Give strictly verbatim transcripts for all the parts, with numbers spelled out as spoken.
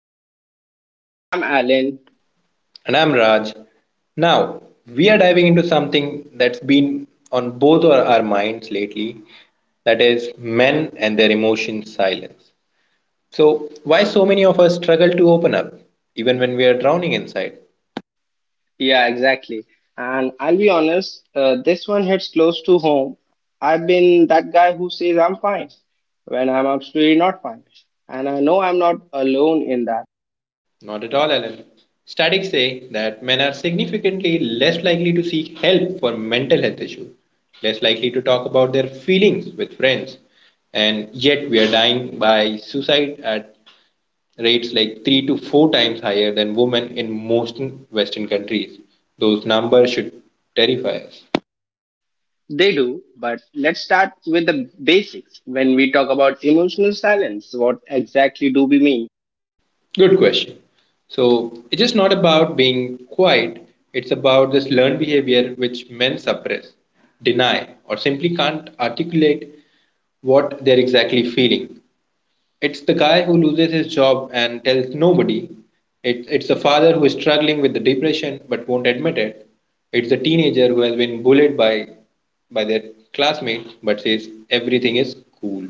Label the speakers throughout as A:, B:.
A: to another episode. I'm Alan.
B: And I'm Raj. Now, we are diving into something that's been on both our, our minds lately that is, men and their emotion silence. So, why so many of us struggle to open up, even when we are drowning inside?
A: Yeah, exactly. And I'll be honest, uh, this one hits close to home. I've been that guy who says I'm fine when I'm absolutely not fine. And I know I'm not alone in that.
B: Not at all, Alan. Statics say that men are significantly less likely to seek help for mental health issues, less likely to talk about their feelings with friends, and yet we are dying by suicide at rates like three to four times higher than women in most Western countries. Those numbers should terrify us.
A: They do, but let's start with the basics. When we talk about emotional silence, what exactly do we mean?
B: Good question. So it's just not about being quiet, it's about this learned behavior which men suppress, deny, or simply can't articulate what they're exactly feeling. It's the guy who loses his job and tells nobody. It, it's the father who is struggling with the depression but won't admit it. It's the teenager who has been bullied by by their classmates but says everything is cool.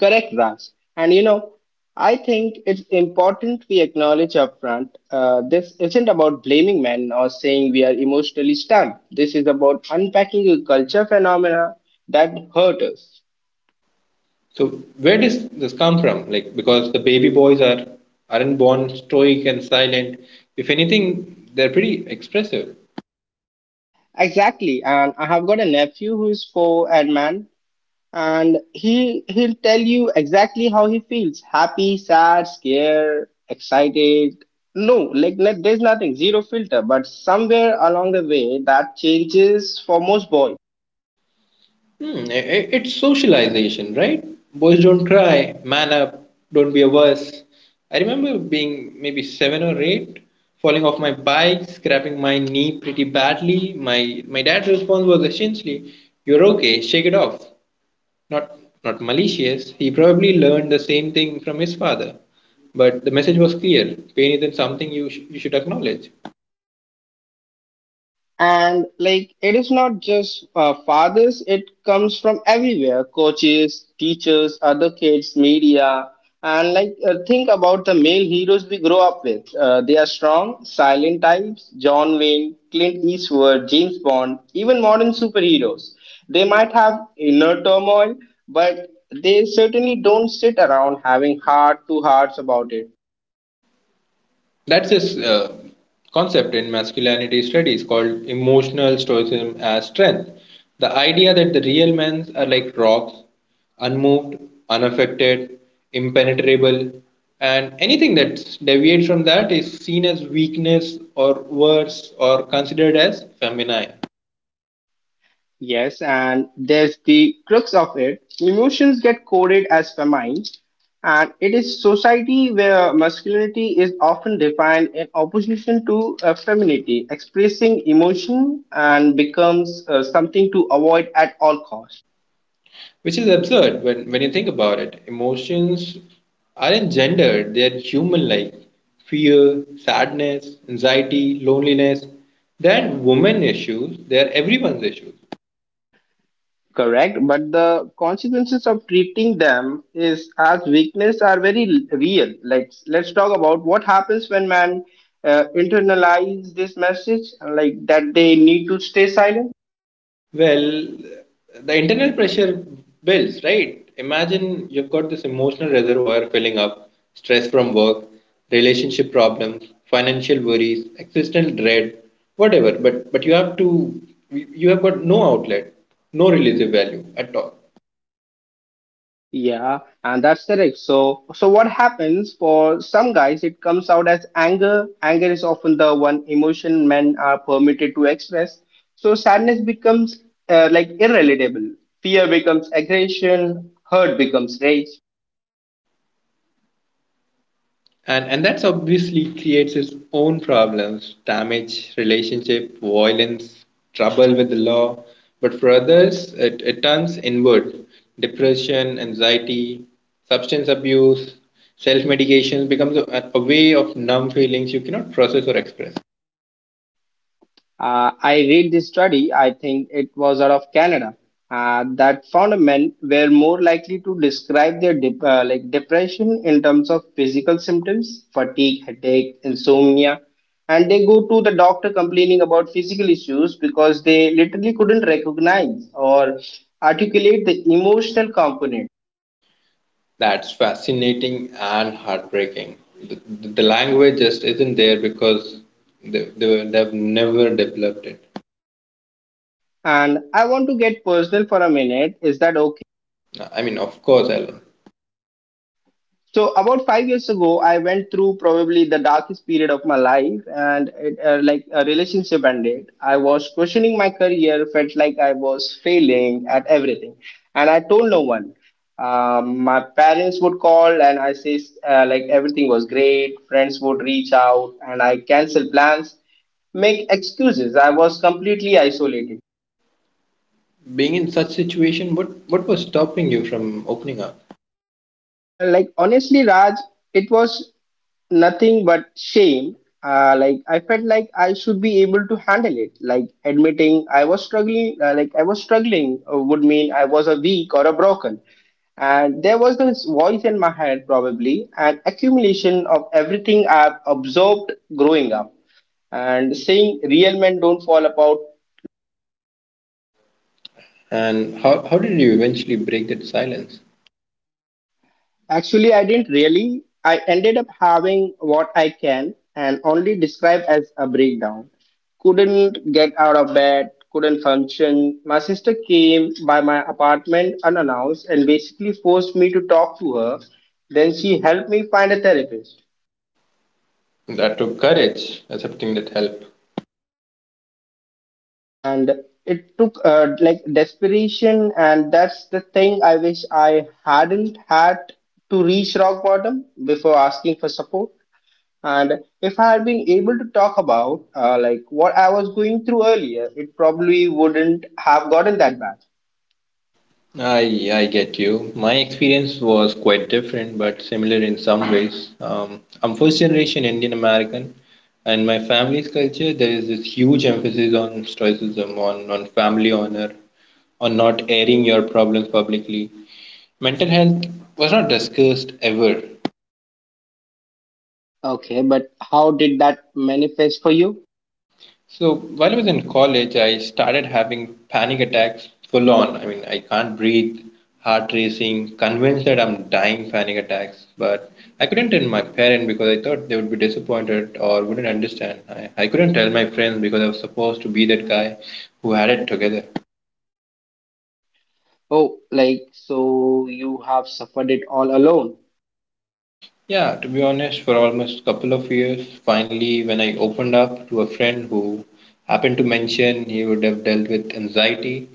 A: Correct, Raj. And you know, I think it's important we acknowledge upfront, uh, this isn't about blaming men or saying we are emotionally stunned. This is about unpacking a culture phenomena that hurt us.
B: So where does this come from? Like because the baby boys are aren't born stoic and silent. If anything, they're pretty expressive.
A: Exactly. And I have got a nephew who's four and man, and he he'll tell you exactly how he feels: happy, sad, scared, excited. No, like no- there's nothing, zero filter. But somewhere along the way, that changes for most boys.
B: Hmm, i- i- it's socialization, right? Boys don't cry, man up, don't be a wuss. I remember being maybe seven or eight, falling off my bike, scraping my knee pretty badly. My my dad's response was essentially, "You're okay, shake it off." Not not malicious. He probably learned the same thing from his father, but the message was clear: pain isn't something you sh- you should acknowledge.
A: And like it is not just, uh, fathers, it comes from everywhere: coaches, teachers, other kids, media. And like, uh, think about the male heroes we grow up with. Uh, they are strong, silent types: John Wayne, Clint Eastwood, James Bond, even modern superheroes. They might have inner turmoil, but they certainly don't sit around having heart to hearts about it.
B: That's this uh, concept in masculinity studies called emotional stoicism as strength. The idea that the real men are like rocks, unmoved, unaffected, impenetrable, and anything that deviates from that is seen as weakness or worse or considered as feminine.
A: Yes, and there's the crux of it. Emotions get coded as feminine, and it is society where masculinity is often defined in opposition to, uh, femininity. Expressing emotion and becomes, uh, something to avoid at all costs.
B: Which is absurd when, when you think about it. Emotions aren't gendered, they are human like fear, sadness, anxiety, loneliness. They aren't women issues, they are everyone's issues.
A: Correct, but the consequences of treating them is as weakness are very l- real. Like, let's talk about what happens when man, uh, internalize this message, like that they need to stay silent.
B: Well, the internal pressure builds, right? Imagine you've got this emotional reservoir filling up, stress from work, relationship problems, financial worries, existential dread, whatever. But but you have to, you have got no outlet, no relative value at all.
A: Yeah, and that's correct. So, so what happens for some guys, it comes out as anger. Anger is often the one emotion men are permitted to express. So sadness becomes, uh, like irrelatable. Fear becomes aggression. Hurt becomes rage.
B: and and that's obviously creates its own problems, damage relationship, violence, trouble with the law. But for others, it, it turns inward: depression, anxiety, substance abuse. Self-medication becomes a, a way of numb feelings you cannot process or express.
A: Uh, I read this study, I think it was out of Canada, uh, that found men were more likely to describe their dep- uh, like depression in terms of physical symptoms, fatigue, headache, insomnia, and they go to the doctor complaining about physical issues because they literally couldn't recognize or articulate the emotional component.
B: That's fascinating and heartbreaking. The, the the language just isn't there because they, they, were- they have never developed it.
A: And I want to get personal for a minute. Is that
B: I mean, of course, Alan.
A: So about five years ago, I went through probably the darkest period of my life, and it, uh, like a relationship ended. I was questioning my career, felt like I was failing at everything, and I told no one. Um, my parents would call, and I say, uh, like everything was great. Friends would reach out, and I cancel plans, make excuses. I was completely isolated.
B: Being in such situation, what what was stopping you from opening up,
A: Uh, like honestly, Raj, it was nothing but shame. Uh, like I felt like I should be able to handle it. Like admitting I was struggling, uh, like I was struggling, uh, would mean I was a weak or a broken. And there was this voice in my head, probably an accumulation of everything I've absorbed growing up, and saying real men don't fall apart.
B: and how how did you eventually break that silence?
A: Actually, I didn't really. I ended up having what I can and only describe as a breakdown. Couldn't get out of bed, couldn't function. My sister came by my apartment unannounced and basically forced me to talk to her. Then she helped me find a therapist.
B: That took courage, accepting that help.
A: And it took, uh, like desperation, and that's the thing: I wish I hadn't had to reach rock bottom before asking for support. And if I had been able to talk about, uh, like what I was going through earlier, it probably wouldn't have gotten that bad.
B: I I get you. My experience was quite different, but similar in some ways. Um, I'm first generation Indian American, and my family's culture there is this huge emphasis on stoicism, on on family honor, on not airing your problems publicly. Mental health was not discussed ever.
A: Okay, but how did that manifest for you?
B: So while I was in college, I started having panic attacks full on. I mean, I can't breathe, heart racing, convinced that I'm dying panic attacks. But I couldn't tell my parents because I thought they would be disappointed or wouldn't understand. I, I couldn't tell my friends because I was supposed to be that guy who had it together.
A: Oh, like, so you have suffered it all alone.
B: Yeah, to be honest, for almost a couple of years, finally, when I opened up to a friend who happened to mention he would have dealt with anxiety,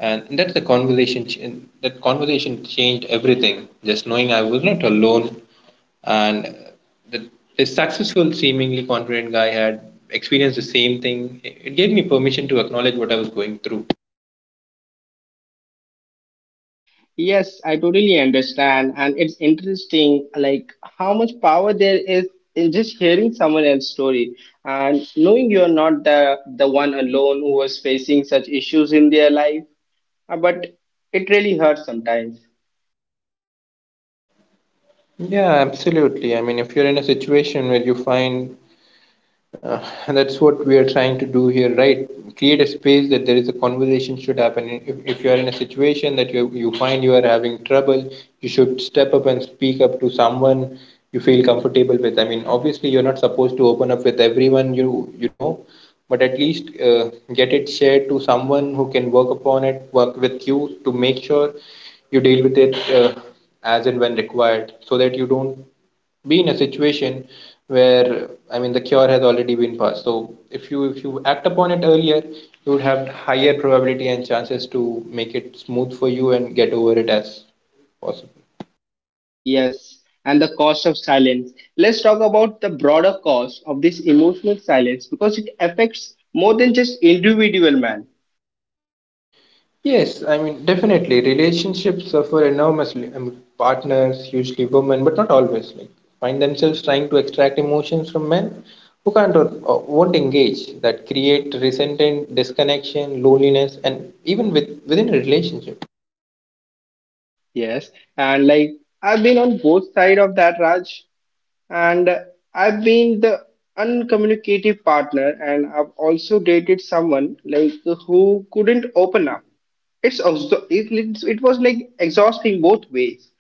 B: and that's the conversation. ch- That conversation changed everything. Just knowing I was not alone, and uh, that this successful, seemingly confident guy had experienced the same thing. It it gave me permission to acknowledge what I was going through.
A: Yes, I totally understand, and it's interesting like how much power there is in just hearing someone else's story and knowing you're not the the one alone who was facing such issues in their life. Uh, But it really hurts sometimes.
B: Yeah, absolutely. I mean, if you're in a situation where you find, Uh, and that's what we are trying to do here, right? Create a space that there is a conversation should happen. If, if you are in a situation that you, you find you are having trouble, you should step up and speak up to someone you feel comfortable with. I mean, obviously, you're not supposed to open up with everyone you, you know, but at least uh, get it shared to someone who can work upon it, work with you to make sure you deal with it uh, as and when required, so that you don't be in a situation where, I mean, the cure has already been passed. So if you if you act upon it earlier, you would have higher probability and chances to make it smooth for you and get over it as possible.
A: Yes, and the cost of silence. Let's talk about the broader cost of this emotional silence because it affects more than just individual man.
B: Yes, I mean, definitely relationships suffer enormously. I mean, partners, usually women, but not always, like find themselves trying to extract emotions from men who can't or or won't engage. That create resentment, disconnection, loneliness, and even with within a relationship.
A: Yes, and like I've been on both side of that, Raj, and I've been the uncommunicative partner, and I've also dated someone like who couldn't open up. It's also it, it, it was like exhausting both ways.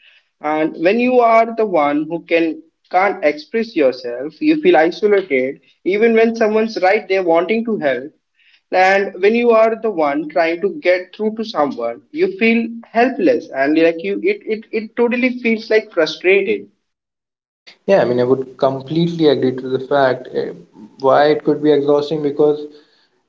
A: And when you are the one who can can't express yourself, you feel isolated, even when someone's right there wanting to help. And when you are the one trying to get through to someone, you feel helpless, and like you it, it, it totally feels like frustrated.
B: Yeah, I mean, I would completely agree to the fact, eh, why it could be exhausting because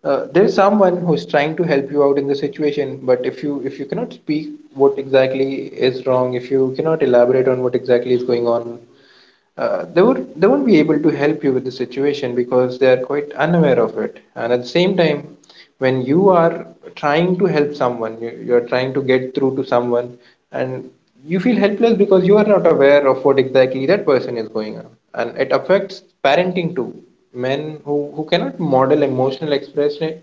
B: uh, there's someone who's trying to help you out in the situation, but if you if you cannot speak what exactly is wrong, if you cannot elaborate on what exactly is going on, uh, they would they won't be able to help you with the situation because they are quite unaware of it. And at the same time, when you are trying to help someone, you, you are trying to get through to someone, and you feel helpless because you are not aware of what exactly that person is going on. And it affects parenting too. Men who, who cannot model emotional expression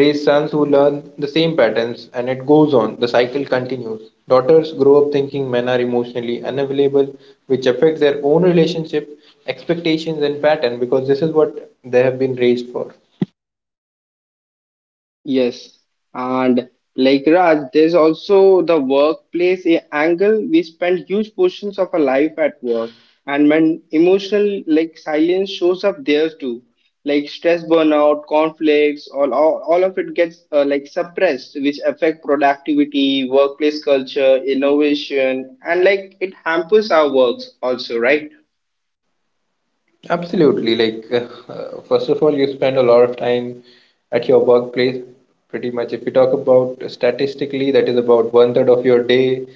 B: raise sons who learn the same patterns, and it goes on. The cycle continues. Daughters grow up thinking men are emotionally unavailable, which affects their own relationship expectations and pattern, because this is what they have been raised for.
A: Yes, and like Raj, there's also the workplace a- angle. We spend huge portions of our life at work, and when emotional like silence shows up there too, like stress, burnout, conflicts, all all, all of it gets, uh, like suppressed, which affect productivity, workplace culture, innovation, and like it hampers our works also, right?
B: Absolutely. Like, uh, uh, first of all, you spend a lot of time at your workplace. Pretty much, if you talk about statistically, that is about one third of your day.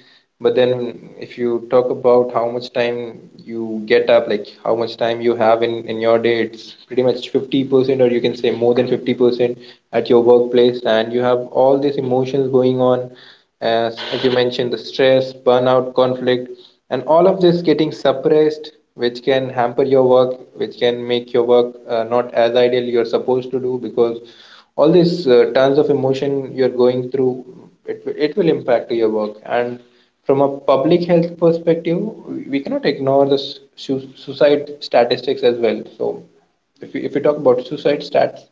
B: But then, if you talk about how much time you get up, like how much time you have in, in your day, it's pretty much fifty percent, or you can say more than fifty percent at your workplace. And you have all these emotions going on as, as you mentioned, the stress, burnout, conflict, and all of this getting suppressed, which can hamper your work, which can make your work uh, not as ideal you're supposed to do, because all these uh, tons of emotion you're going through, it, will- it will impact your work. And from a public health perspective, we we cannot ignore the su- su- suicide statistics as well. So if we, if we talk about suicide stats,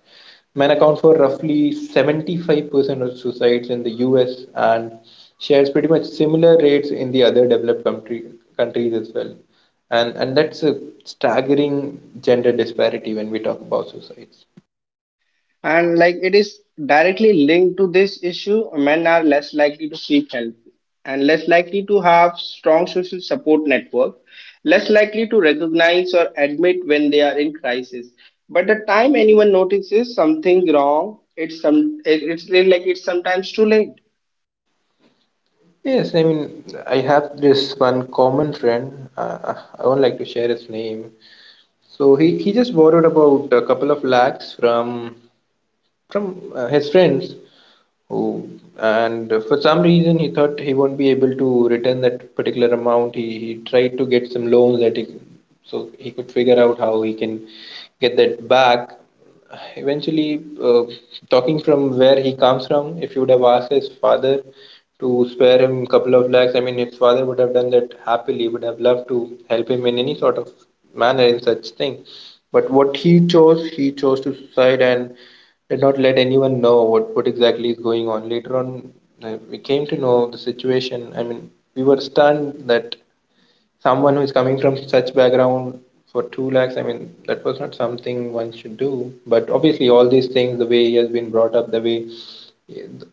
B: men account for roughly seventy-five percent of suicides in the U S, and shares pretty much similar rates in the other developed country, countries as well. And, and that's a staggering gender disparity when we talk about suicides.
A: And like it is directly linked to this issue: men are less likely to seek help, and less likely to have strong social support network, less likely to recognize or admit when they are in crisis. But the time anyone notices something wrong, it's some it- it's like it's sometimes too late.
B: Yes, I mean, I have this one common friend. Uh, I won't like to share his name. So he, he just borrowed about a couple of lakhs from from uh, his friends, who and for some reason he thought he won't be able to return that particular amount. He, he tried to get some loans that he, so he could figure out how he can get that back eventually. Uh, talking from where he comes from, if you would have asked his father to spare him a couple of lakhs, I mean, his father would have done that happily, would have loved to help him in any sort of manner in such thing. But what he chose, he chose to suicide and did not let anyone know what, what exactly is going on. Later on, uh, we came to know the situation. I mean, we were stunned that someone who is coming from such background for two lakhs. I mean, that was not something one should do. But obviously, all these things, the way he has been brought up, the way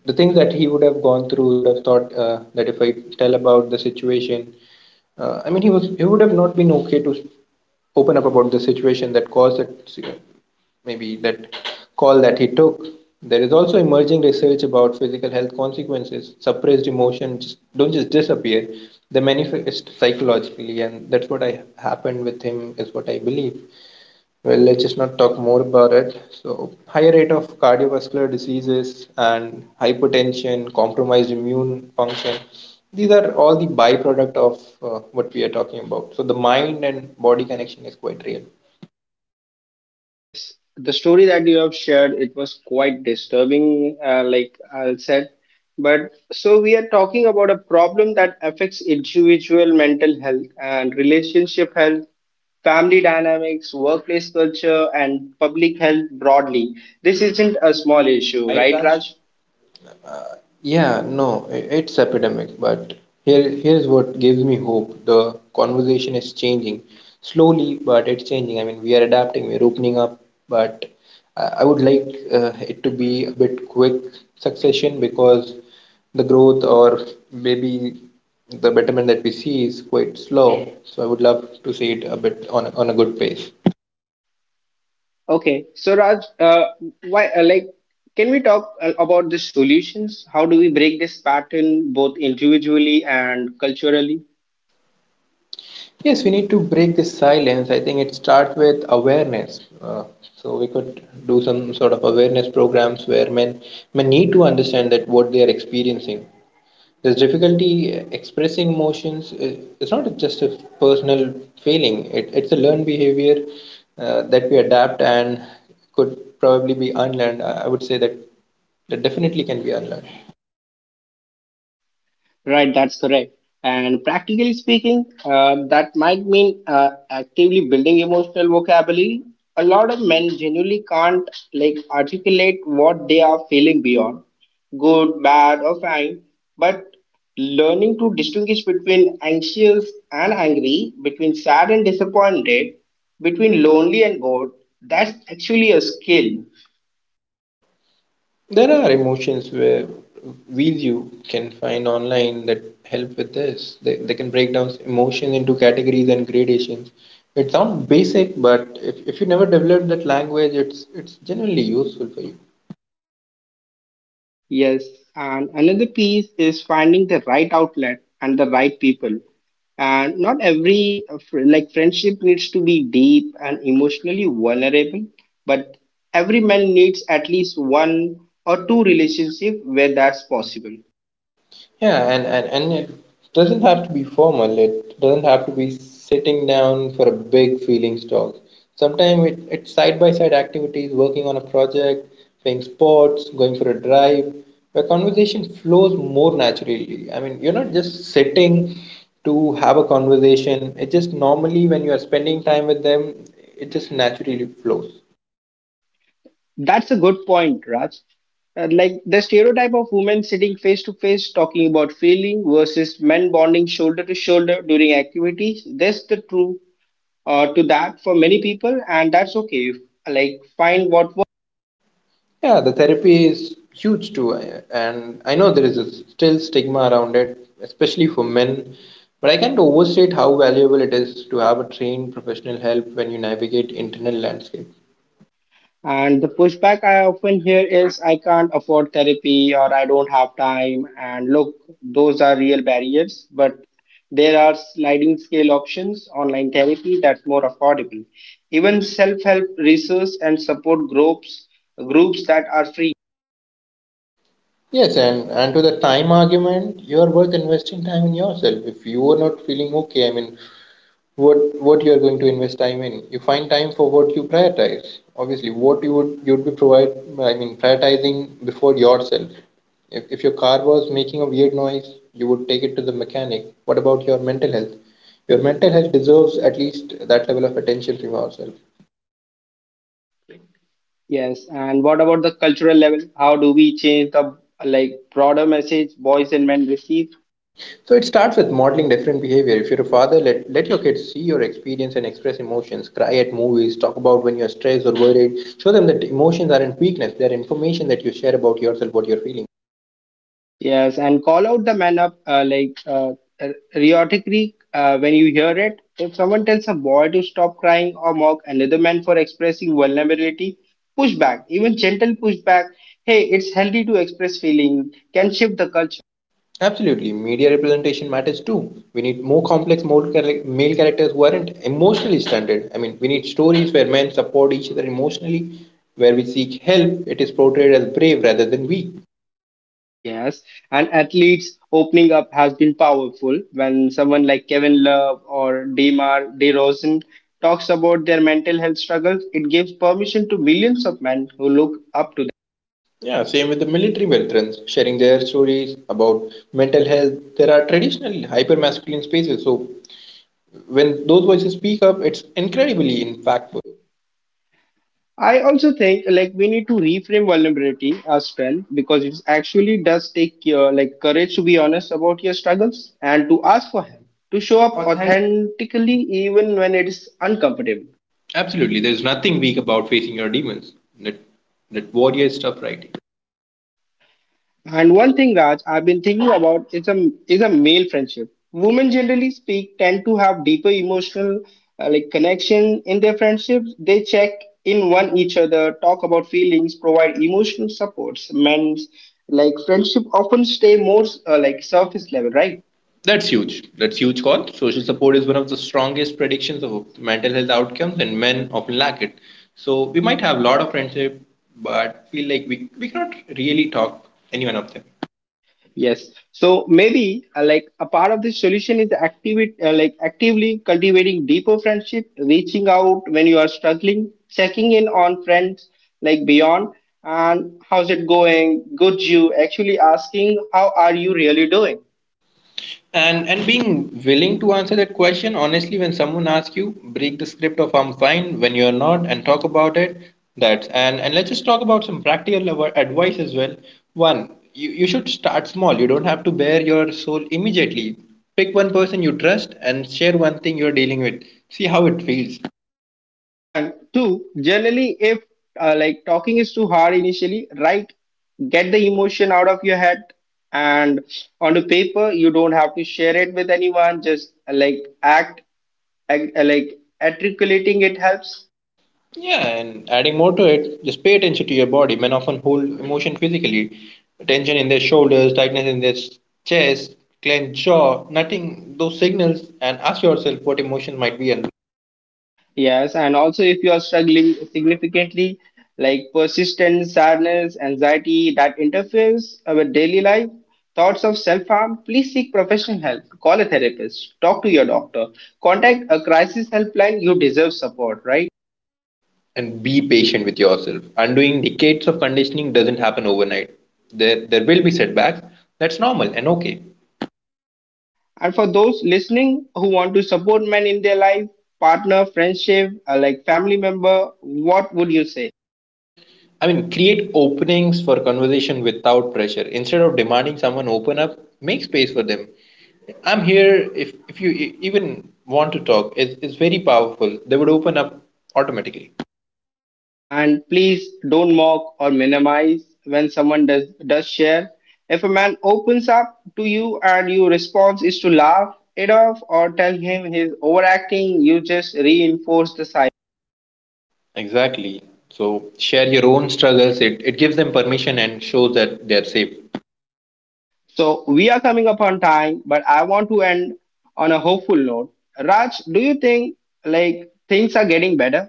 B: the things that he would have gone through, he would have thought uh, that if I tell about the situation, uh, I mean, he was he would have not been okay to open up about the situation that caused that, maybe that call that he took. There is also emerging research about physical health consequences. Suppressed emotions don't just disappear; they manifest psychologically, and that's what I happened with him. Is what I believe. Well, let's just not talk more about it. So, higher rate of cardiovascular diseases and hypertension, compromised immune function, these are all the byproduct of uh, what we are talking about. So, the mind and body connection is quite real.
A: Yes, the story that you have shared, it was quite disturbing, uh, like I said. But so we are talking about a problem that affects individual mental health and relationship health, family dynamics, workplace culture, and public health broadly. This isn't a small issue,
B: Right,
A: right,
B: Raj?
A: Raj?
B: Yeah, no, i- it's epidemic, but here here's what gives me hope. The conversation is changing slowly, but it's changing. I mean, we are adapting, we're opening up, but I I would like uh, it to be a bit quick succession because the growth or maybe the betterment that we see is quite slow. So I would love to see it a bit on a- on a good pace.
A: Okay, so Raj, uh, why, uh, like, can we talk, uh, about the solutions? How do we break this pattern both individually and culturally?
B: Yes, we need to break this silence. I think it starts with awareness. Uh, so we could do some sort of awareness programs where men men need to understand that what they are experiencing. This difficulty uh, expressing emotions i- is not just a personal failing. It, it's a learned behavior uh, that we adapt and could probably be unlearned. I I would say that that definitely can be unlearned.
A: Right, that's correct. And practically speaking, uh, that might mean, uh, actively building emotional vocabulary. A lot of men genuinely can't like articulate what they are feeling beyond good, bad, or fine. But learning to distinguish between anxious and angry, between sad and disappointed, between lonely and bored, that's actually a skill.
B: There are emotions where wheels you can find online that help with this. They, they can break down emotions into categories and gradations. It sounds basic, but if, if you never develop that language, it's it's genuinely useful for you.
A: Yes, and another piece is finding the right outlet and the right people. And not every, uh, fr- like friendship needs to be deep and emotionally vulnerable, but every man needs at least one or two relationship where that's possible.
B: Yeah, and, and, and it doesn't have to be formal. It doesn't have to be sitting down for a big feelings talk. Sometimes it, it's side by side activities, working on a project, playing sports, going for a drive, where conversation flows more naturally. I mean, you're not just sitting to have a conversation. It just normally, when you are spending time with them, it just naturally flows.
A: That's a good point, Raj. Uh, like the stereotype of women sitting face to face talking about feeling versus men bonding shoulder to shoulder during activities, that's the true, uh, to that for many people, and that's okay. Like, find what works.
B: Yeah, the therapy is huge too, I- and I know there is a still stigma around it, especially for men. But I can't overstate how valuable it is to have a trained professional help when you navigate internal landscapes.
A: And the pushback I often hear is, I can't afford therapy or I don't have time. And look, those are real barriers, but there are sliding scale options, online therapy that's more affordable. Even self help research and support groups, groups that are free.
B: Yes, and, and to the time argument, you are worth investing time in yourself. If you are not feeling okay, I mean, what what you are going to invest time in, you find time for what you prioritize, obviously what you would you'd be provide, I mean, prioritizing before yourself. If, if your car was making a weird noise, you would take it to the mechanic. What about your mental health? Your mental health deserves at least that level of attention from yourself.
A: Yes, and what about the cultural level? How do we change the like broader message boys and men receive?
B: So it starts with modeling different behavior. If you're a father, let, let your kids see your experience and express emotions, cry at movies, talk about when you're stressed or worried, show them that emotions aren't weakness, they're information that you share about yourself, what you're feeling.
A: Yes, and call out the man up, uh, like uh, uh, rhetorically, uh, when you hear it. If someone tells a boy to stop crying or mock another man for expressing vulnerability, push back. Even gentle pushback. Hey, it's healthy to express feeling. Can shift the culture.
B: Absolutely, media representation matters too. We need more complex male char- male characters who aren't emotionally stunted. I mean, we need stories where men support each other emotionally, where we seek help. It is portrayed as brave rather than weak.
A: Yes, and athletes opening up has been powerful when someone like Kevin Love or Demar DeRozan talks about their mental health struggles. It gives permission to millions of men who look up to.
B: Yeah, same with the military veterans sharing their stories about mental health. There are traditional hyper masculine spaces, so when those voices speak up, it's incredibly impactful.
A: I also think like we need to reframe vulnerability as well because it actually does take, uh, like courage to be honest about your struggles and to ask for help,
B: To
A: to
B: show
A: show
B: up
A: up
B: authentic.
A: authentically even when it is uncomfortable.
B: Absolutely, there's nothing weak about facing your demons. That that warrior stuff, right?
A: And one thing, Raj, I've been thinking about is a is a male friendship. Women generally speak tend to have deeper emotional, uh, like connection in their friendships. They check in one each other, talk about feelings, provide emotional supports. Men's like friendship often stay more, uh, like surface level, right?
B: That's huge. That's huge call. Social support is one of the strongest predictions of mental health outcomes, and men often lack it. So we might have a lot of friendship, but feel like we, we cannot really talk anyone of them.
A: Yes. So maybe, uh, like a part of the solution is activate uh, like actively cultivating deeper friendship, reaching out when you are struggling, checking in on friends like beyond and how's it going? Good you actually asking how are you really doing?
B: And and being willing to answer that question honestly when someone asks you, break the script of I'm fine when you're not, and talk about it. That's, and, and let's just talk about some practical av- advice as well. One, you, you should start small. You don't have to bare your soul immediately. Pick one person you trust and share one thing you're dealing with. See how it feels.
A: And two, generally if, uh, like talking is too hard initially, write, get the emotion out of your head and on the paper. You don't have to share it with anyone, just, uh, like act ag- uh, like articulating it helps.
B: Yeah, and adding more to it, just pay attention to your body. Men often hold emotion physically, tension in their shoulders, tightness in their chest, clenched jaw. Nothing, those signals, and ask yourself what emotion might be under.
A: Yes, and also if you are struggling significantly, like persistent sadness, anxiety that interferes, uh, with daily life, thoughts of self-harm, please seek professional help. Call a therapist, talk to your doctor, contact a crisis helpline. You deserve support, right?
B: And be patient with yourself. Undoing decades of conditioning doesn't happen overnight. There, there will be setbacks. That's normal and okay.
A: And for those listening who want to support men in their life, partner, friendship, uh, like family member, what would you say?
B: I mean, create openings for conversation without pressure. Instead of demanding someone open up, make space for them. I'm here if, if you e- even want to talk. It's, it's very powerful. They would open up automatically.
A: And please don't mock or minimize when someone does, does share. If a man opens up to you and your response is to laugh it off or tell him he's overacting, you just reinforce the cycle.
B: Exactly. So share your own struggles. It, it gives them permission and shows that they're safe.
A: So we are coming up on time, but I want to end on a hopeful note. Raj, do you think like things are getting better?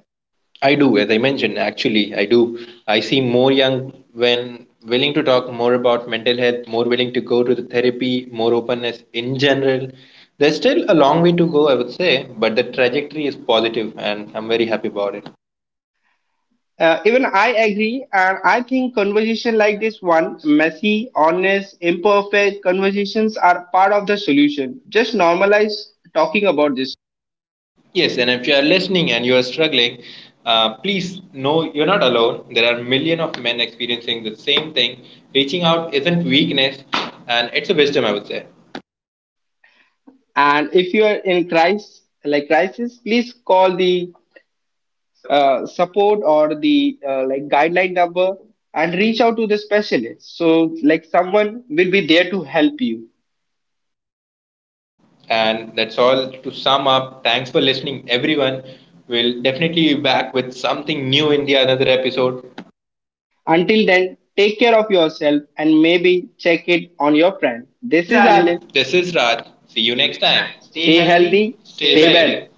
B: I do, as I mentioned, actually, I do. I see more young when willing to talk more about mental health, more willing to go to the therapy, more openness in general. There's still a long way to go, I would say, but the trajectory is positive and I'm very happy about it.
A: Uh, even I agree, and I think conversation like this one, messy, honest, imperfect conversations are part of the solution. Just normalize talking about this.
B: Yes, and if you are listening and you are struggling, uh, please know you're not alone. There are million of men experiencing the same thing. Reaching out isn't weakness, and it's a wisdom, I would say.
A: And if you are in crisis, like crisis, please call the, uh, support or the, uh, like guideline number and reach out to the specialist. So like someone will be there to help you.
B: And that's all to sum up. Thanks for listening, everyone. We'll definitely be back with something new in the another episode.
A: Until then, take care of yourself and maybe check it on your friend.
B: This is
A: This is Alan.
B: Alan. This is Raj. See you next time. Stay
A: Stay
B: healthy.
A: healthy,
B: Stay stay
A: stay
B: safe.
A: better.